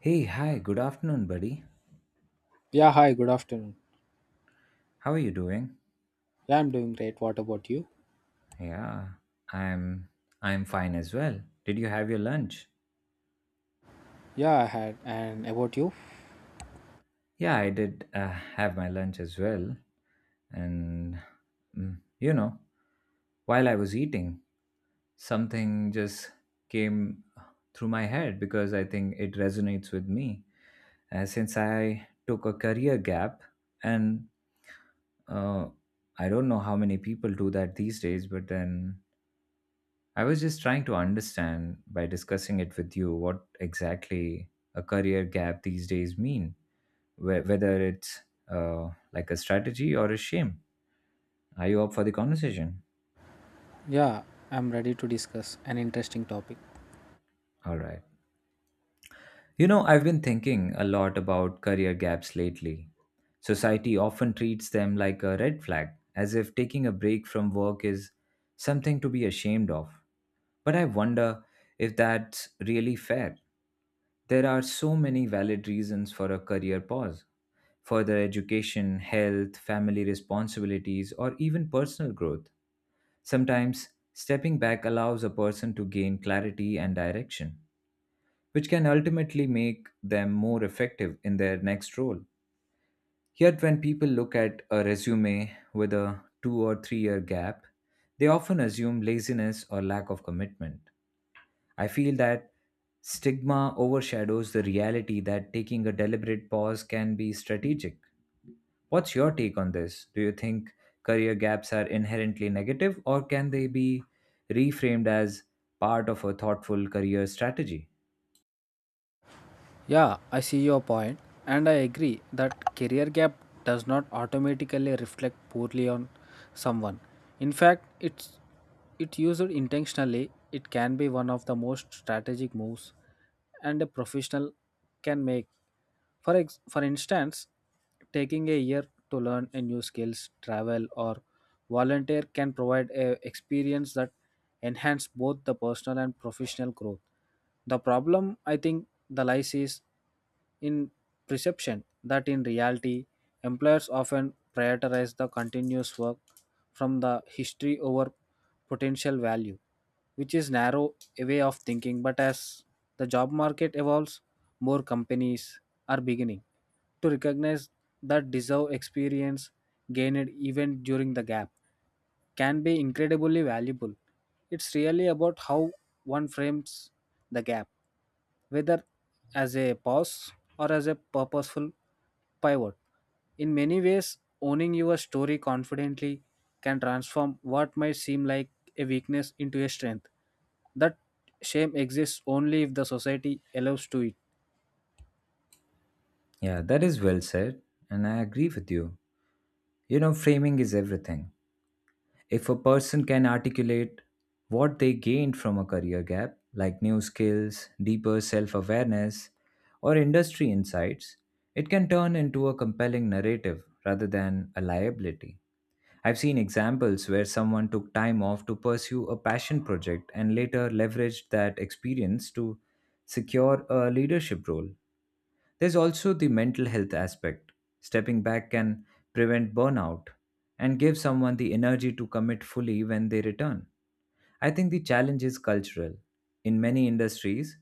Hey, hi, good afternoon, buddy. Yeah, hi, good afternoon. How are you doing? Yeah, I'm doing great. What about you? Yeah, I'm I'm fine as well. Did you have your lunch? Yeah, I had. And about you? Yeah, I did have my lunch as well. And you know, while I was eating, something just came through my head because I think it resonates with me. Since I took a career gap, and uh, I don't know how many people do that these days, but then I was just trying to understand by discussing it with you what exactly a career gap these days mean, whether it's like a strategy or a shame. Are you up for the conversation? Yeah, I'm ready to discuss an interesting topic. All right. You know, I've been thinking a lot about career gaps lately. Society often treats them like a red flag, as if taking a break from work is something to be ashamed of. But I wonder if that's really fair. There are so many valid reasons for a career pause: further education, health, family responsibilities, or even personal growth. Sometimes, stepping back allows a person to gain clarity and direction, which can ultimately make them more effective in their next role. Yet, when people look at a resume with a 2 or 3 year gap, they often assume laziness or lack of commitment. I feel that stigma overshadows the reality that taking a deliberate pause can be strategic. What's your take on this? Do you think career gaps are inherently negative, or can they be reframed as part of a thoughtful career strategy? Yeah, I see your point, and I agree that career gap does not automatically reflect poorly on someone. In fact, it used intentionally, it can be one of the most strategic moves and a professional can make. For instance, taking a year to learn a new skills, travel or volunteer can provide a experience that enhance both the personal and professional growth. The problem I think the lies is in perception that in reality employers often prioritize the continuous work from the history over potential value, which is narrow a way of thinking. But as the job market evolves, more companies are beginning to recognize that deserve experience gained even during the gap can be incredibly valuable. It's really about how one frames the gap, whether as a pause or as a purposeful pivot. In many ways, owning your story confidently can transform what might seem like a weakness into a strength. That shame exists only if the society allows to it. Yeah, that is well said, and I agree with you. You know, framing is everything. If a person can articulate what they gained from a career gap, like new skills, deeper self awareness, or industry insights, it can turn into a compelling narrative rather than a liability. I've seen examples where someone took time off to pursue a passion project and later leveraged that experience to secure a leadership role. There's also the mental health aspect. Stepping back can prevent burnout and give someone the energy to commit fully when they return. I think the challenge is cultural. In many industries,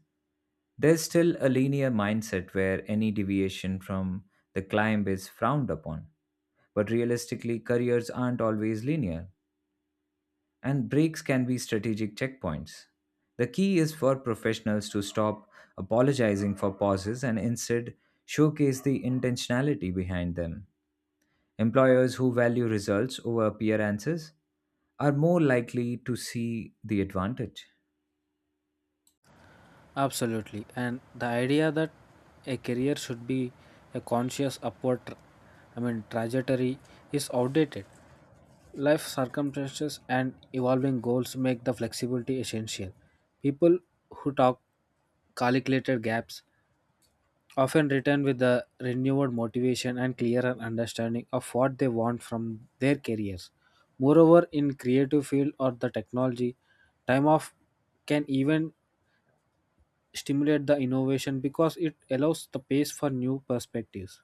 there's still a linear mindset where any deviation from the climb is frowned upon. But realistically, careers aren't always linear, and breaks can be strategic checkpoints. The key is for professionals to stop apologizing for pauses and instead showcase the intentionality behind them. Employers who value results over appearances are more likely to see the advantage. Absolutely. And the idea that a career should be a conscious upward, trajectory is outdated. Life circumstances and evolving goals make the flexibility essential. People who talk calculated gaps often return with a renewed motivation and clearer understanding of what they want from their careers. Moreover, in creative field or the technology, time off can even stimulate the innovation because it allows the space for new perspectives.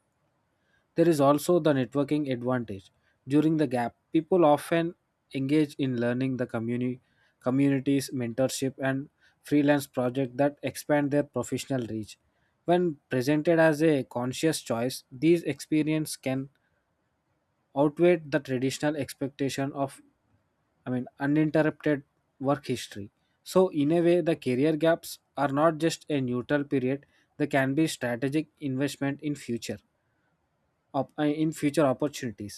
There is also the networking advantage. During the gap, people often engage in learning the community, communities, mentorship, and freelance projects that expand their professional reach. When presented as a conscious choice, these experiences can outweigh the traditional expectation of, uninterrupted work history. So, in a way, the career gaps are not just a neutral period; they can be strategic investment in future, in future opportunities.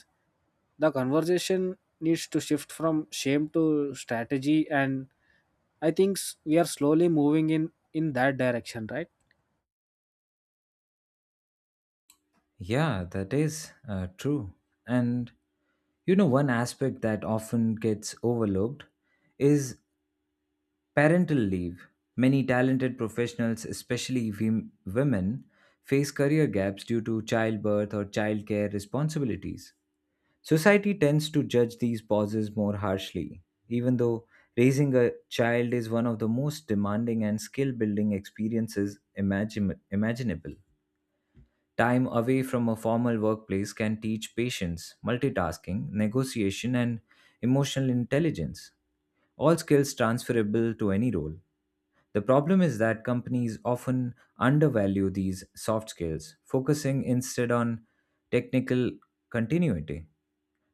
The conversation needs to shift from shame to strategy, and we are slowly moving in that direction, right? Yeah, that is true. And you know, one aspect that often gets overlooked is parental leave. Many talented professionals, especially women, face career gaps due to childbirth or childcare responsibilities. Society tends to judge these pauses more harshly, even though raising a child is one of the most demanding and skill building experiences imaginable. Time away from a formal workplace can teach patience, multitasking, negotiation, and emotional intelligence, all skills transferable to any role. The problem is that companies often undervalue these soft skills, focusing instead on technical continuity.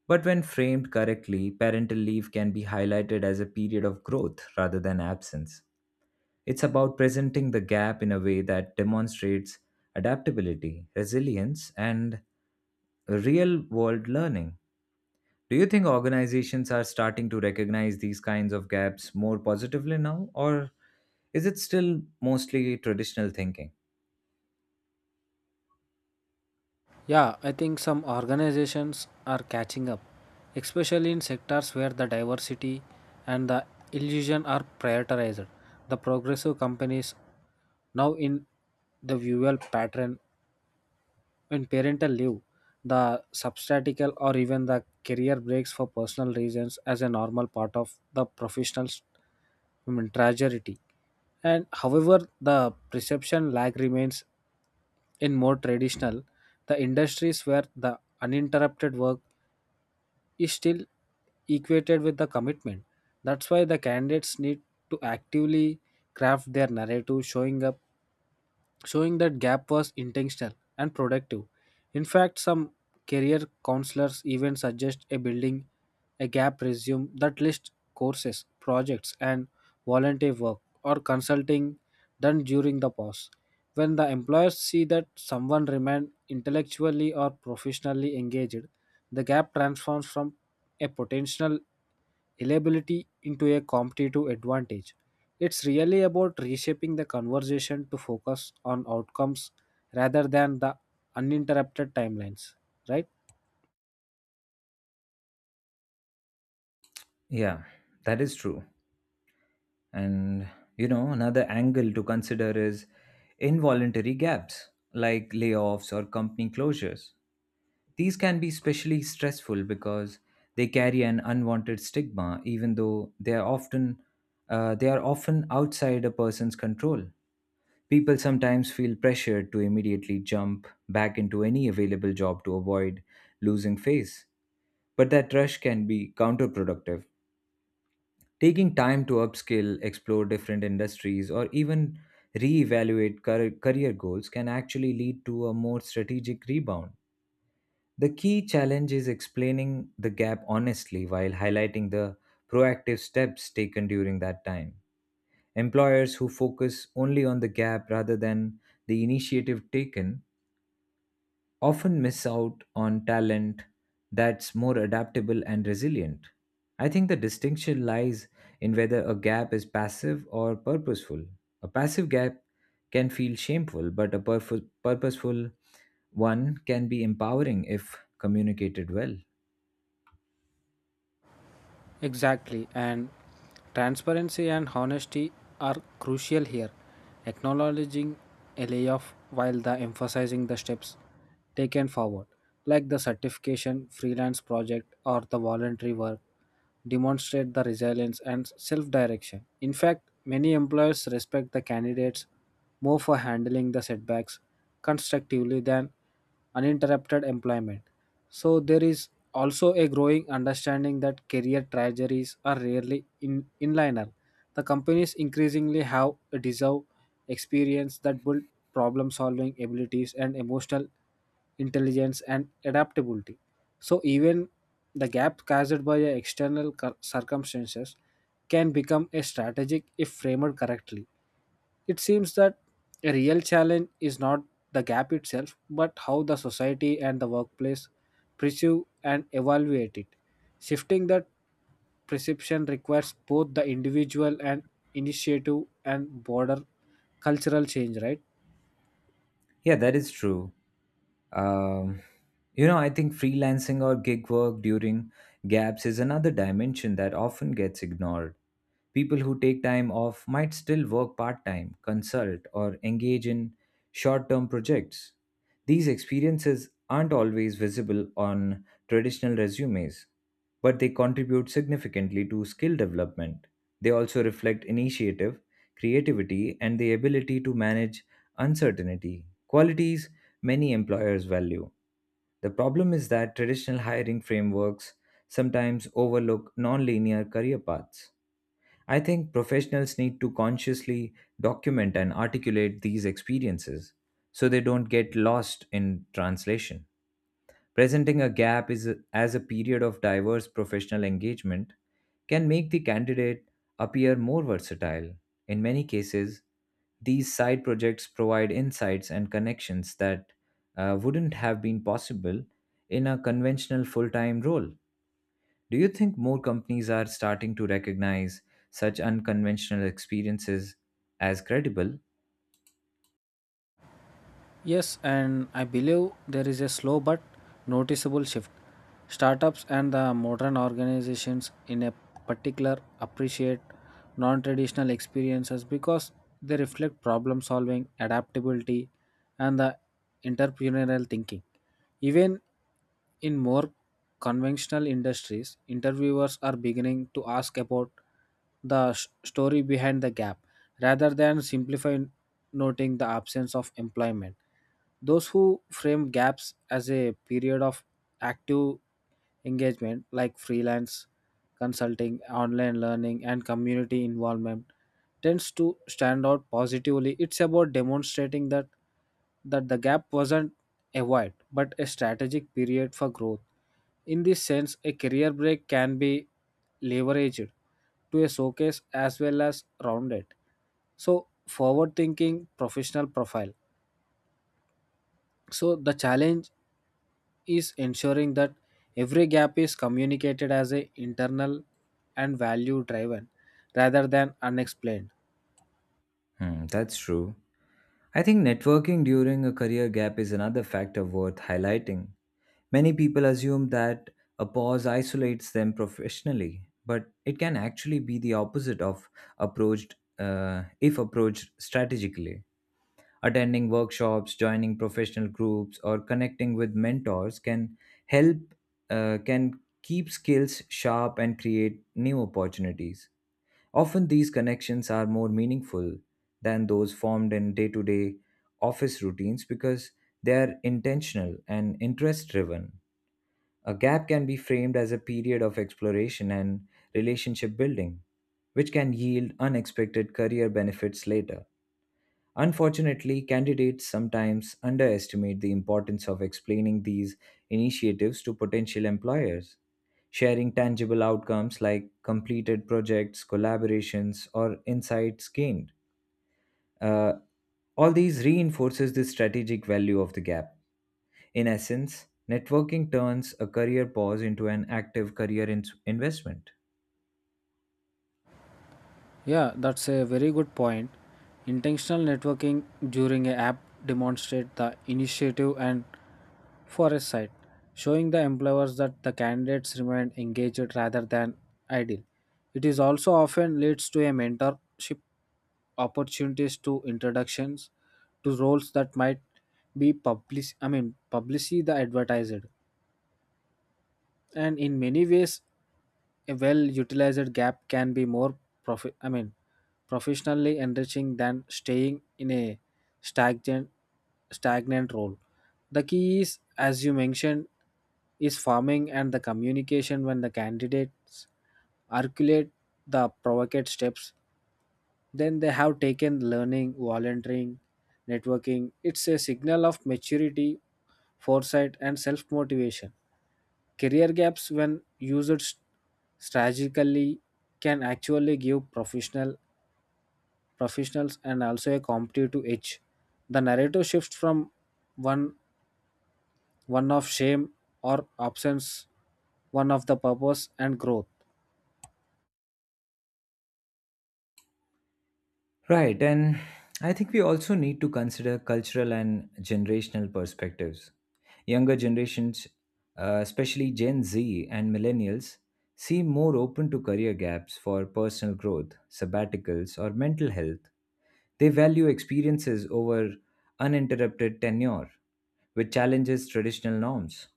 But when framed correctly, parental leave can be highlighted as a period of growth rather than absence. It's about presenting the gap in a way that demonstrates adaptability, resilience, and real world learning. Do you think organizations are starting to recognize these kinds of gaps more positively now, or is it still mostly traditional thinking? Yeah, I think some organizations are catching up, especially in sectors where the diversity and the illusion are prioritized. The progressive companies now in the visual pattern. In parental leave, the substatical or even the career breaks for personal reasons as a normal part of the professional, trajectory. And however, the perception lag remains in more traditional, the industries where the uninterrupted work is still equated with the commitment. That's why the candidates need to actively craft their narrative, showing that gap was intentional and productive. In fact, some career counselors even suggest a building a gap resume that lists courses, projects, and volunteer work or consulting done during the pause. When the employers see that someone remained intellectually or professionally engaged, the gap transforms from a potential reliability into a competitive advantage. It's really about reshaping the conversation to focus on outcomes rather than the uninterrupted timelines, right? Yeah, that is true. And, you know, another angle to consider is involuntary gaps like layoffs or company closures. These can be especially stressful because they carry an unwanted stigma, even though they are often outside a person's control. People sometimes feel pressured to immediately jump back into any available job to avoid losing face, but that rush can be counterproductive. Taking time to upskill, explore different industries, or even reevaluate career goals can actually lead to a more strategic rebound. The key challenge is explaining the gap honestly while highlighting the proactive steps taken during that time. Employers who focus only on the gap rather than the initiative taken often miss out on talent that's more adaptable and resilient. I think the distinction lies in whether a gap is passive or purposeful. A passive gap can feel shameful, but a purposeful one can be empowering if communicated well. Exactly, and transparency and honesty are crucial here. Acknowledging a layoff while the emphasizing the steps taken forward, like the certification, freelance project, or the voluntary work, demonstrate the resilience and self direction. In fact, many employers respect the candidates more for handling the setbacks constructively than uninterrupted employment. So, there is also a growing understanding that career trajectories are rarely in inliner. The companies increasingly have a deserve experience that build problem solving abilities and emotional intelligence and adaptability. So even the gap caused by a external circumstances can become a strategic if framed correctly. It seems that a real challenge is not the gap itself, but how the society and the workplace perceive and evaluate it. Shifting that perception requires both the individual and initiative and broader cultural change, right? Yeah, that is true. Um, you know, I think freelancing or gig work during gaps is another dimension that often gets ignored. People who take time off might still work part time, consult, or engage in short term projects. These experiences aren't always visible on traditional resumes, but they contribute significantly to skill development. They also reflect initiative, creativity, and the ability to manage uncertainty, qualities many employers value. The problem is that traditional hiring frameworks sometimes overlook non-linear career paths. I think professionals need to consciously document and articulate these experiences so they don't get lost in translation. Presenting a gap is as a period of diverse professional engagement can make the candidate appear more versatile. In many cases, these side projects provide insights and connections that wouldn't have been possible in a conventional full time role. Do you think more companies are starting to recognize such unconventional experiences as credible? Yes, and I believe there is a slow but noticeable shift. Startups and the modern organizations in a particular appreciate non-traditional experiences because they reflect problem solving, adaptability and the entrepreneurial thinking. Even in more conventional industries, interviewers are beginning to ask about the story behind the gap rather than simplify noting the absence of employment. Those who frame gaps as a period of active engagement, like freelance consulting, online learning, and community involvement, tends to stand out positively. It's about demonstrating that the gap wasn't a void but a strategic period for growth. In this sense, a career break can be leveraged to a showcase as well as rounded so, forward thinking professional profile. So, the challenge is ensuring that every gap is communicated as a internal and value driven rather than unexplained. Hmm, that's true. I think networking during a career gap is another factor worth highlighting. Many people assume that a pause isolates them professionally, but it can actually be the opposite of approached if approached strategically. Attending workshops, joining professional groups, or connecting with mentors can help can keep skills sharp and create new opportunities. Often these connections are more meaningful than those formed in day-to-day office routines because they are intentional and interest driven. A gap can be framed as a period of exploration and relationship building, which can yield unexpected career benefits later. Unfortunately, candidates sometimes underestimate the importance of explaining these initiatives to potential employers. Sharing tangible outcomes like completed projects, collaborations, or insights gained. Uh, all these reinforces the strategic value of the gap. In essence, networking turns a career pause into an active investment. Yeah, that's a very good point. Intentional networking during a app demonstrate the initiative and Forest site, showing the employers that the candidates remain engaged rather than idle. It is also often leads to a mentorship opportunities to introductions to roles that might be publicly the advertised, and in many ways a well utilized gap can be more profi- i mean professionally enriching than staying in a stagnant stagnant role. The key is, as you mentioned, is farming and the communication. When the candidates articulate the provocate steps then they have taken learning volunteering networking, it's a signal of maturity, foresight and self motivation. Career gaps, when used strategically, can actually give professionals and also a competitive edge. The narrative shifts from one one of shame or absence, one of the purpose and growth. Right, and I think we also need to consider cultural and generational perspectives. Younger generations, especially Gen Z and millennials, seem more open to career gaps for personal growth, sabbaticals, or mental health. They value experiences over uninterrupted tenure, which challenges traditional norms.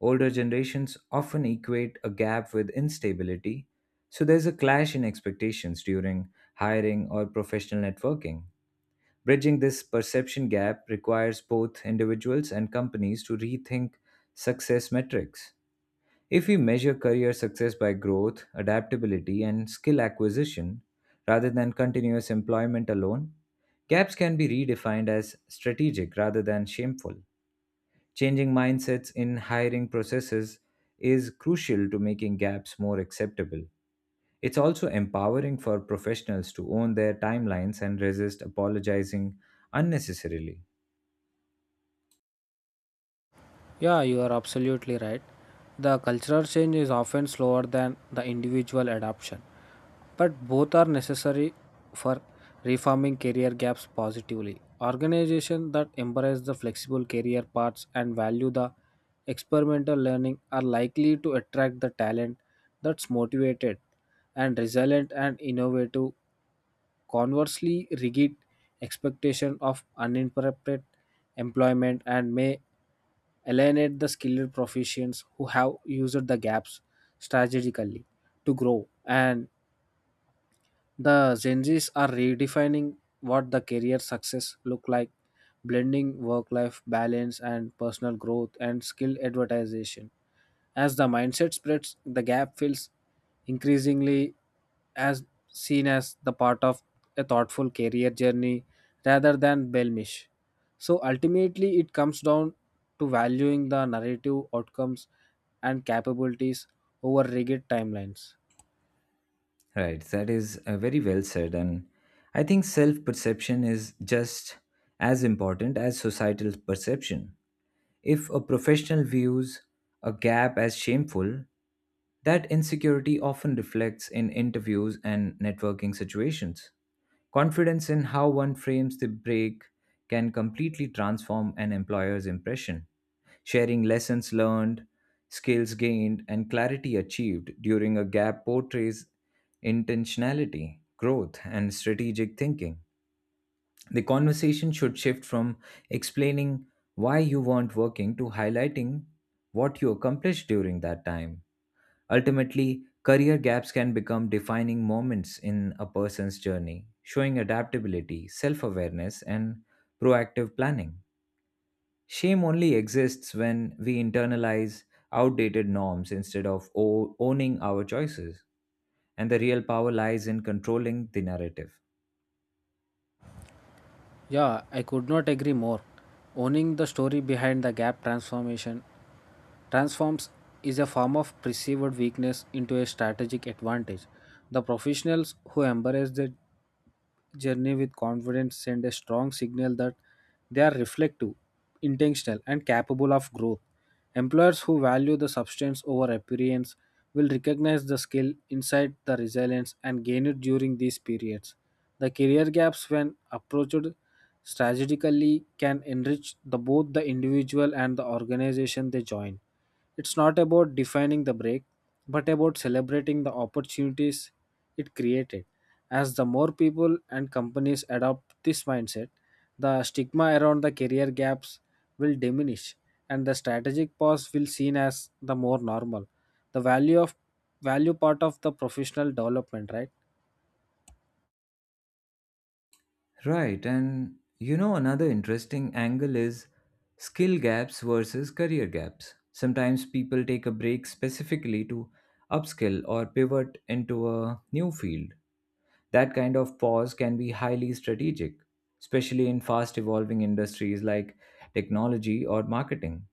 Older generations often equate a gap with instability, so there's a clash in expectations during hiring or professional networking. Bridging this perception gap requires both individuals and companies to rethink success metrics. If we measure career success by growth, adaptability, and skill acquisition rather than continuous employment alone, gaps can be redefined as strategic rather than shameful. Changing mindsets in hiring processes is crucial to making gaps more acceptable. It's also empowering for professionals to own their timelines and resist apologizing unnecessarily. Yeah, you are absolutely right. The cultural change is often slower than the individual adoption, but both are necessary for reforming career gaps positively. Organizations that embrace the flexible career paths and value the experimental learning are likely to attract the talent that's motivated and resilient and innovative. Conversely, rigid expectation of uninterrupted employment and may alienate the skilled professions who have used the gaps strategically to grow, and the Gen Zs are redefining what the career success look like, blending work-life balance and personal growth and skill advertisation. As the mindset spreads, the gap feels increasingly as seen as the part of a thoughtful career journey rather than blemish. So ultimately, it comes down to valuing the narrative outcomes and capabilities over rigid timelines. Right, that is very well said. And I think self perception is just as important as societal perception. If a professional views a gap as shameful, that insecurity often reflects in interviews and networking situations. Confidence in how one frames the break can completely transform an employer's impression. Sharing lessons learned, skills gained, and clarity achieved during a gap portrays intentionality, growth, and strategic thinking. The conversation should shift from explaining why you weren't working to highlighting what you accomplished during that time. Ultimately, career gaps can become defining moments in a person's journey, showing adaptability, self awareness, and proactive planning. Shame only exists when we internalize outdated norms instead of owning our choices, and the real power lies in controlling the narrative. Yeah, I could not agree more. Owning the story behind the gap transformation transforms is a form of perceived weakness into a strategic advantage. The professionals who embrace the journey with confidence send a strong signal that they are reflective, intentional, and capable of growth. Employers who value the substance over appearance will recognize the skill, insight, the resilience, and gain it during these periods. The career gaps, when approached strategically can enrich the, both the individual and the organization they join. It's not about defining the break, but about celebrating the opportunities it created. As the more people and companies adopt this mindset, the stigma around the career gaps will diminish and the strategic pause will seen as the more normal. The value of value part of the professional development, right? Right, and you know, another interesting angle is skill gaps versus career gaps. Sometimes people take a break specifically to upskill or pivot into a new field. That kind of pause can be highly strategic, especially in fast evolving industries like technology or marketing.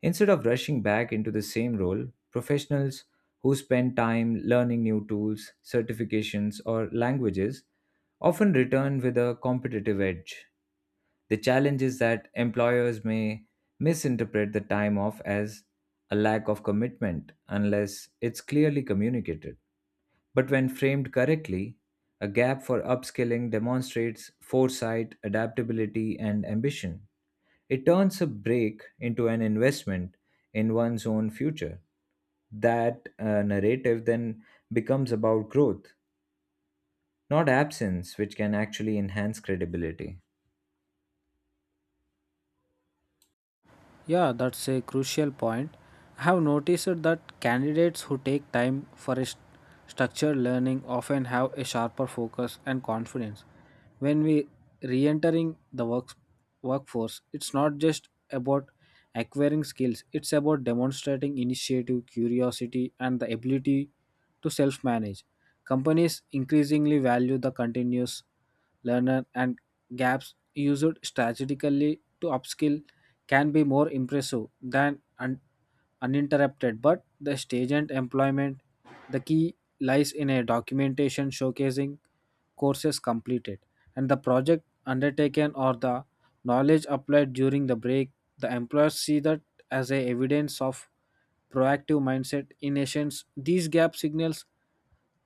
Instead of rushing back into the same role, professionals who spend time learning new tools, certifications, or languages often return with a competitive edge. The challenge is that employers may misinterpret the time off as a lack of commitment unless it's clearly communicated. But when framed correctly, a gap for upskilling demonstrates foresight, adaptability, and ambition. It turns a break into an investment in one's own future. That narrative then becomes about growth, not absence, which can actually enhance credibility. Yeah, that's a crucial point. I have noticed that candidates who take time for a structured learning often have a sharper focus and confidence. When we re-entering the work- workforce, it's not just about acquiring skills, it's about demonstrating initiative, curiosity, and the ability to self-manage. Companies increasingly value the continuous learner and gaps used strategically to upskill can be more impressive than uninterrupted, but the staged employment, the key lies in a documentation showcasing courses completed and the project undertaken or the knowledge applied during the break. The employers see that as a evidence of proactive mindset in essence, these gap signals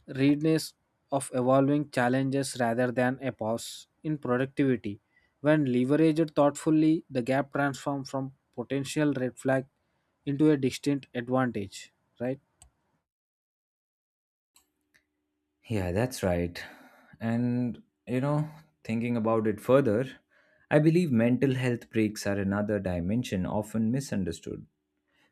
readiness of evolving challenges rather than a pause in productivity. When leveraged thoughtfully, the gap transforms from potential red flag into a distinct advantage, right? Yeah, that's right. And, you know, thinking about it further, I believe mental health breaks are another dimension often misunderstood.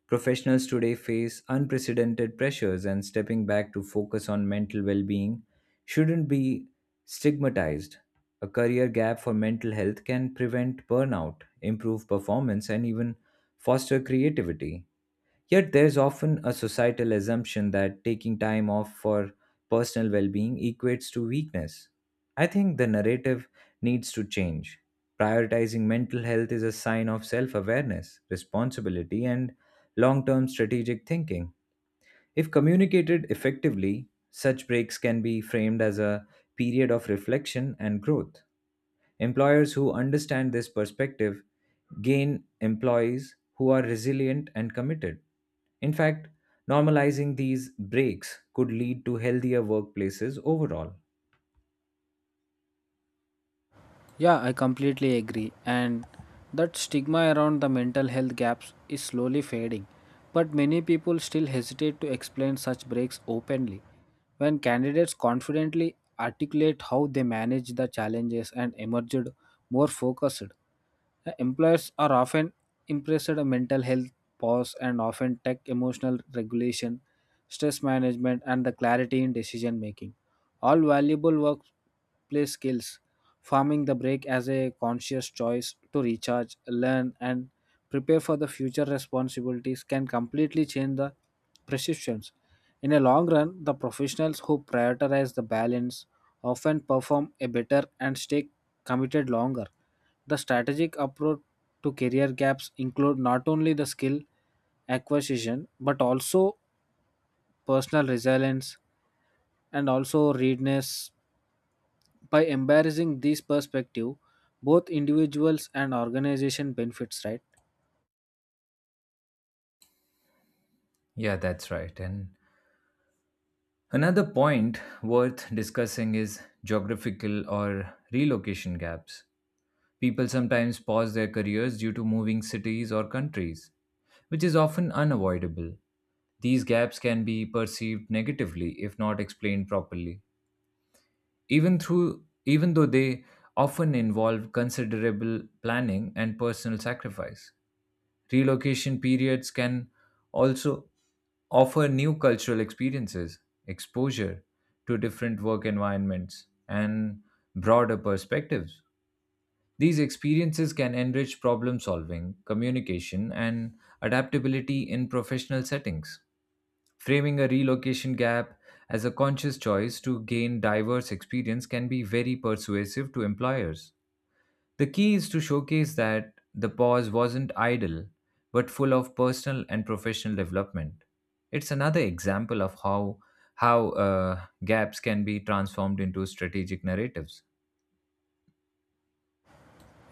Professionals today face unprecedented pressures, and stepping back to focus on mental well being shouldn't be stigmatized. A career gap for mental health can prevent burnout, improve performance, and even foster creativity. Yet there's often a societal assumption that taking time off for personal well being equates to weakness. I think the narrative needs to change. Prioritizing mental health is a sign of self awareness, responsibility, and long term strategic thinking. If communicated effectively, such breaks can be framed as a period of reflection and growth. Employers who understand this perspective gain employees who are resilient and committed. In fact, normalizing these breaks could lead to healthier workplaces overall. Yeah, I completely agree. And that stigma around the mental health gaps is slowly fading. But many people still hesitate to explain such breaks openly. When candidates confidently articulate how they manage the challenges and emerged more focused, employers are often impressed with mental health pause and often tech emotional regulation, stress management, and the clarity in decision making. All valuable workplace skills farming the break as a conscious choice to recharge, learn, and prepare for the future responsibilities can completely change the perceptions. In a long run, the professionals who prioritize the balance often perform a better and stay committed longer. The strategic approach to career gaps include not only the skill acquisition but also personal resilience and also readiness by embarrassing these perspective, both individuals and organization benefits, right? Yeah, that's right. And another point worth discussing is geographical or relocation gaps. People sometimes pause their careers due to moving cities or countries, which is often unavoidable. These gaps can be perceived negatively if not explained properly. Even though they often involve considerable planning and personal sacrifice, relocation periods can also offer new cultural experiences, exposure to different work environments, and broader perspectives. These experiences can enrich problem solving, communication, and adaptability in professional settings. Framing a relocation gap as a conscious choice to gain diverse experience can be very persuasive to employers. The key is to showcase that the pause wasn't idle, but full of personal and professional development. It's another example of how gaps can be transformed into strategic narratives.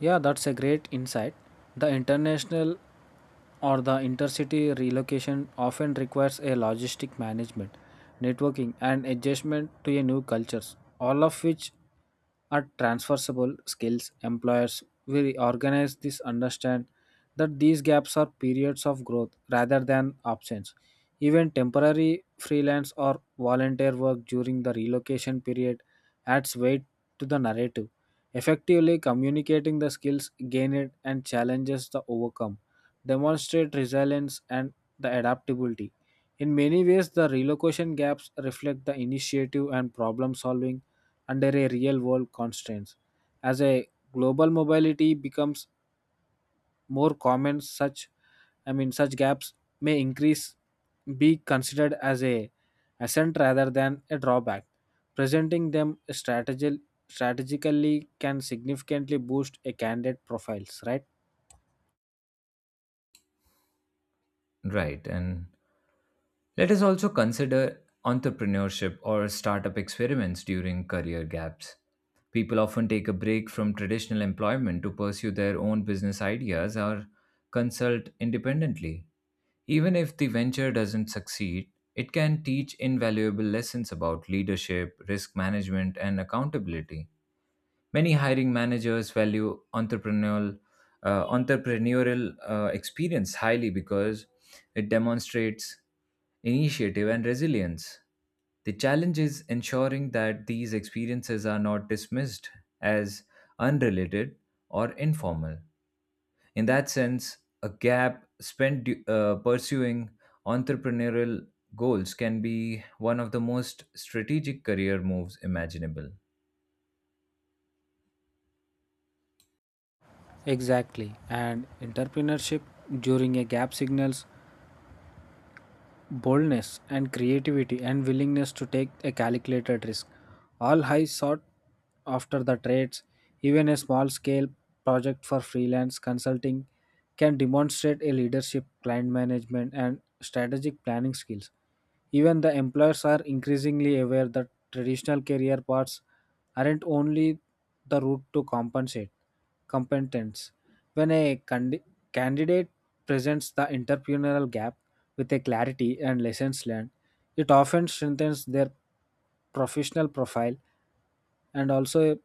Yeah, that's a great insight. The international or the intercity relocation often requires a logistic management, networking, and adjustment to a new cultures, all of which are transferable skills. Employers will organize this understand that these gaps are periods of growth rather than options. Even temporary freelance or volunteer work during the relocation period adds weight to the narrative, effectively communicating the skills gained and challenges the overcome demonstrate resilience and the adaptability. In many ways, the relocation gaps reflect the initiative and problem solving under a real world constraints. As a global mobility becomes more common, such I mean such gaps may increase be considered as a ascent rather than a drawback. Presenting them strategically can significantly boost a candidate profiles, right? Right, and let us also consider entrepreneurship or startup experiments during career gaps. People often take a break from traditional employment to pursue their own business ideas or consult independently. Even if the venture doesn't succeed, it can teach invaluable lessons about leadership, risk management, and accountability. Many hiring managers value entrepreneurial experience highly because it demonstrates initiative and resilience. The challenge is ensuring that these experiences are not dismissed as unrelated or informal. In that sense, a gap spent pursuing entrepreneurial goals can be one of the most strategic career moves imaginable. Exactly. And entrepreneurship during a gap signals boldness and creativity and willingness to take a calculated risk. All high sought after the trades, even a small scale project for freelance consulting can demonstrate a leadership, client management, and strategic planning skills. Even the employers are increasingly aware that traditional career paths aren't only the route to compensate competence. When a candidate presents the entrepreneurial gap, with a clarity and lessons learned. It often strengthens their professional profile and also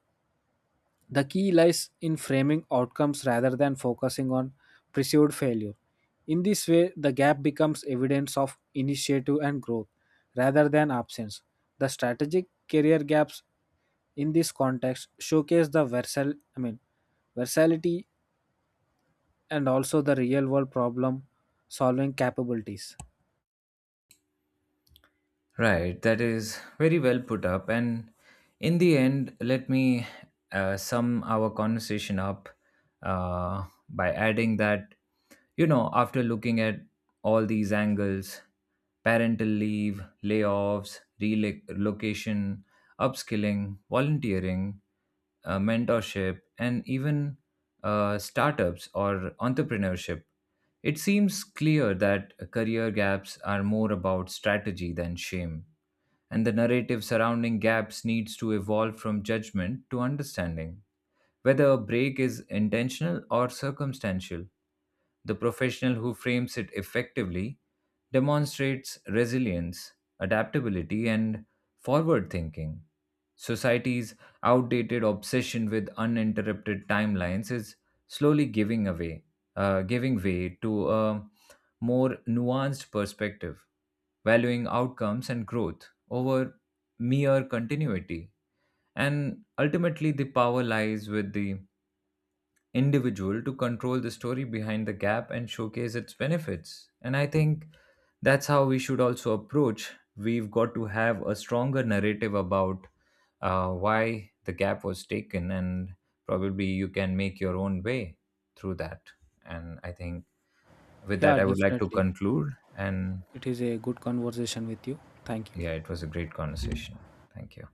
the key lies in framing outcomes rather than focusing on perceived failure. In this way, the gap becomes evidence of initiative and growth rather than absence. The strategic career gaps in this context showcase the versal I mean versatility and also the real world problem solving capabilities. Right, that is very well put up. And in the end, let me sum our conversation up by adding that, you know, after looking at all these angles: parental leave, layoffs, relocation, upskilling, volunteering, mentorship, and even startups or entrepreneurship, it seems clear that career gaps are more about strategy than shame, and the narrative surrounding gaps needs to evolve from judgment to understanding, whether a break is intentional or circumstantial. The professional who frames it effectively demonstrates resilience, adaptability, and forward thinking. Society's outdated obsession with uninterrupted timelines is slowly giving away, giving way to a more nuanced perspective, valuing outcomes and growth over mere continuity. And ultimately, the power lies with the individual to control the story behind the gap and showcase its benefits. And I think that's how we should also approach. We've got to have a stronger narrative about why the gap was taken, and probably you can make your own way through that. And I think with Yeah, that, I would like to definitely. conclude. And It is a good conversation with you. Thank you. yeah, it was a great conversation. Thank you.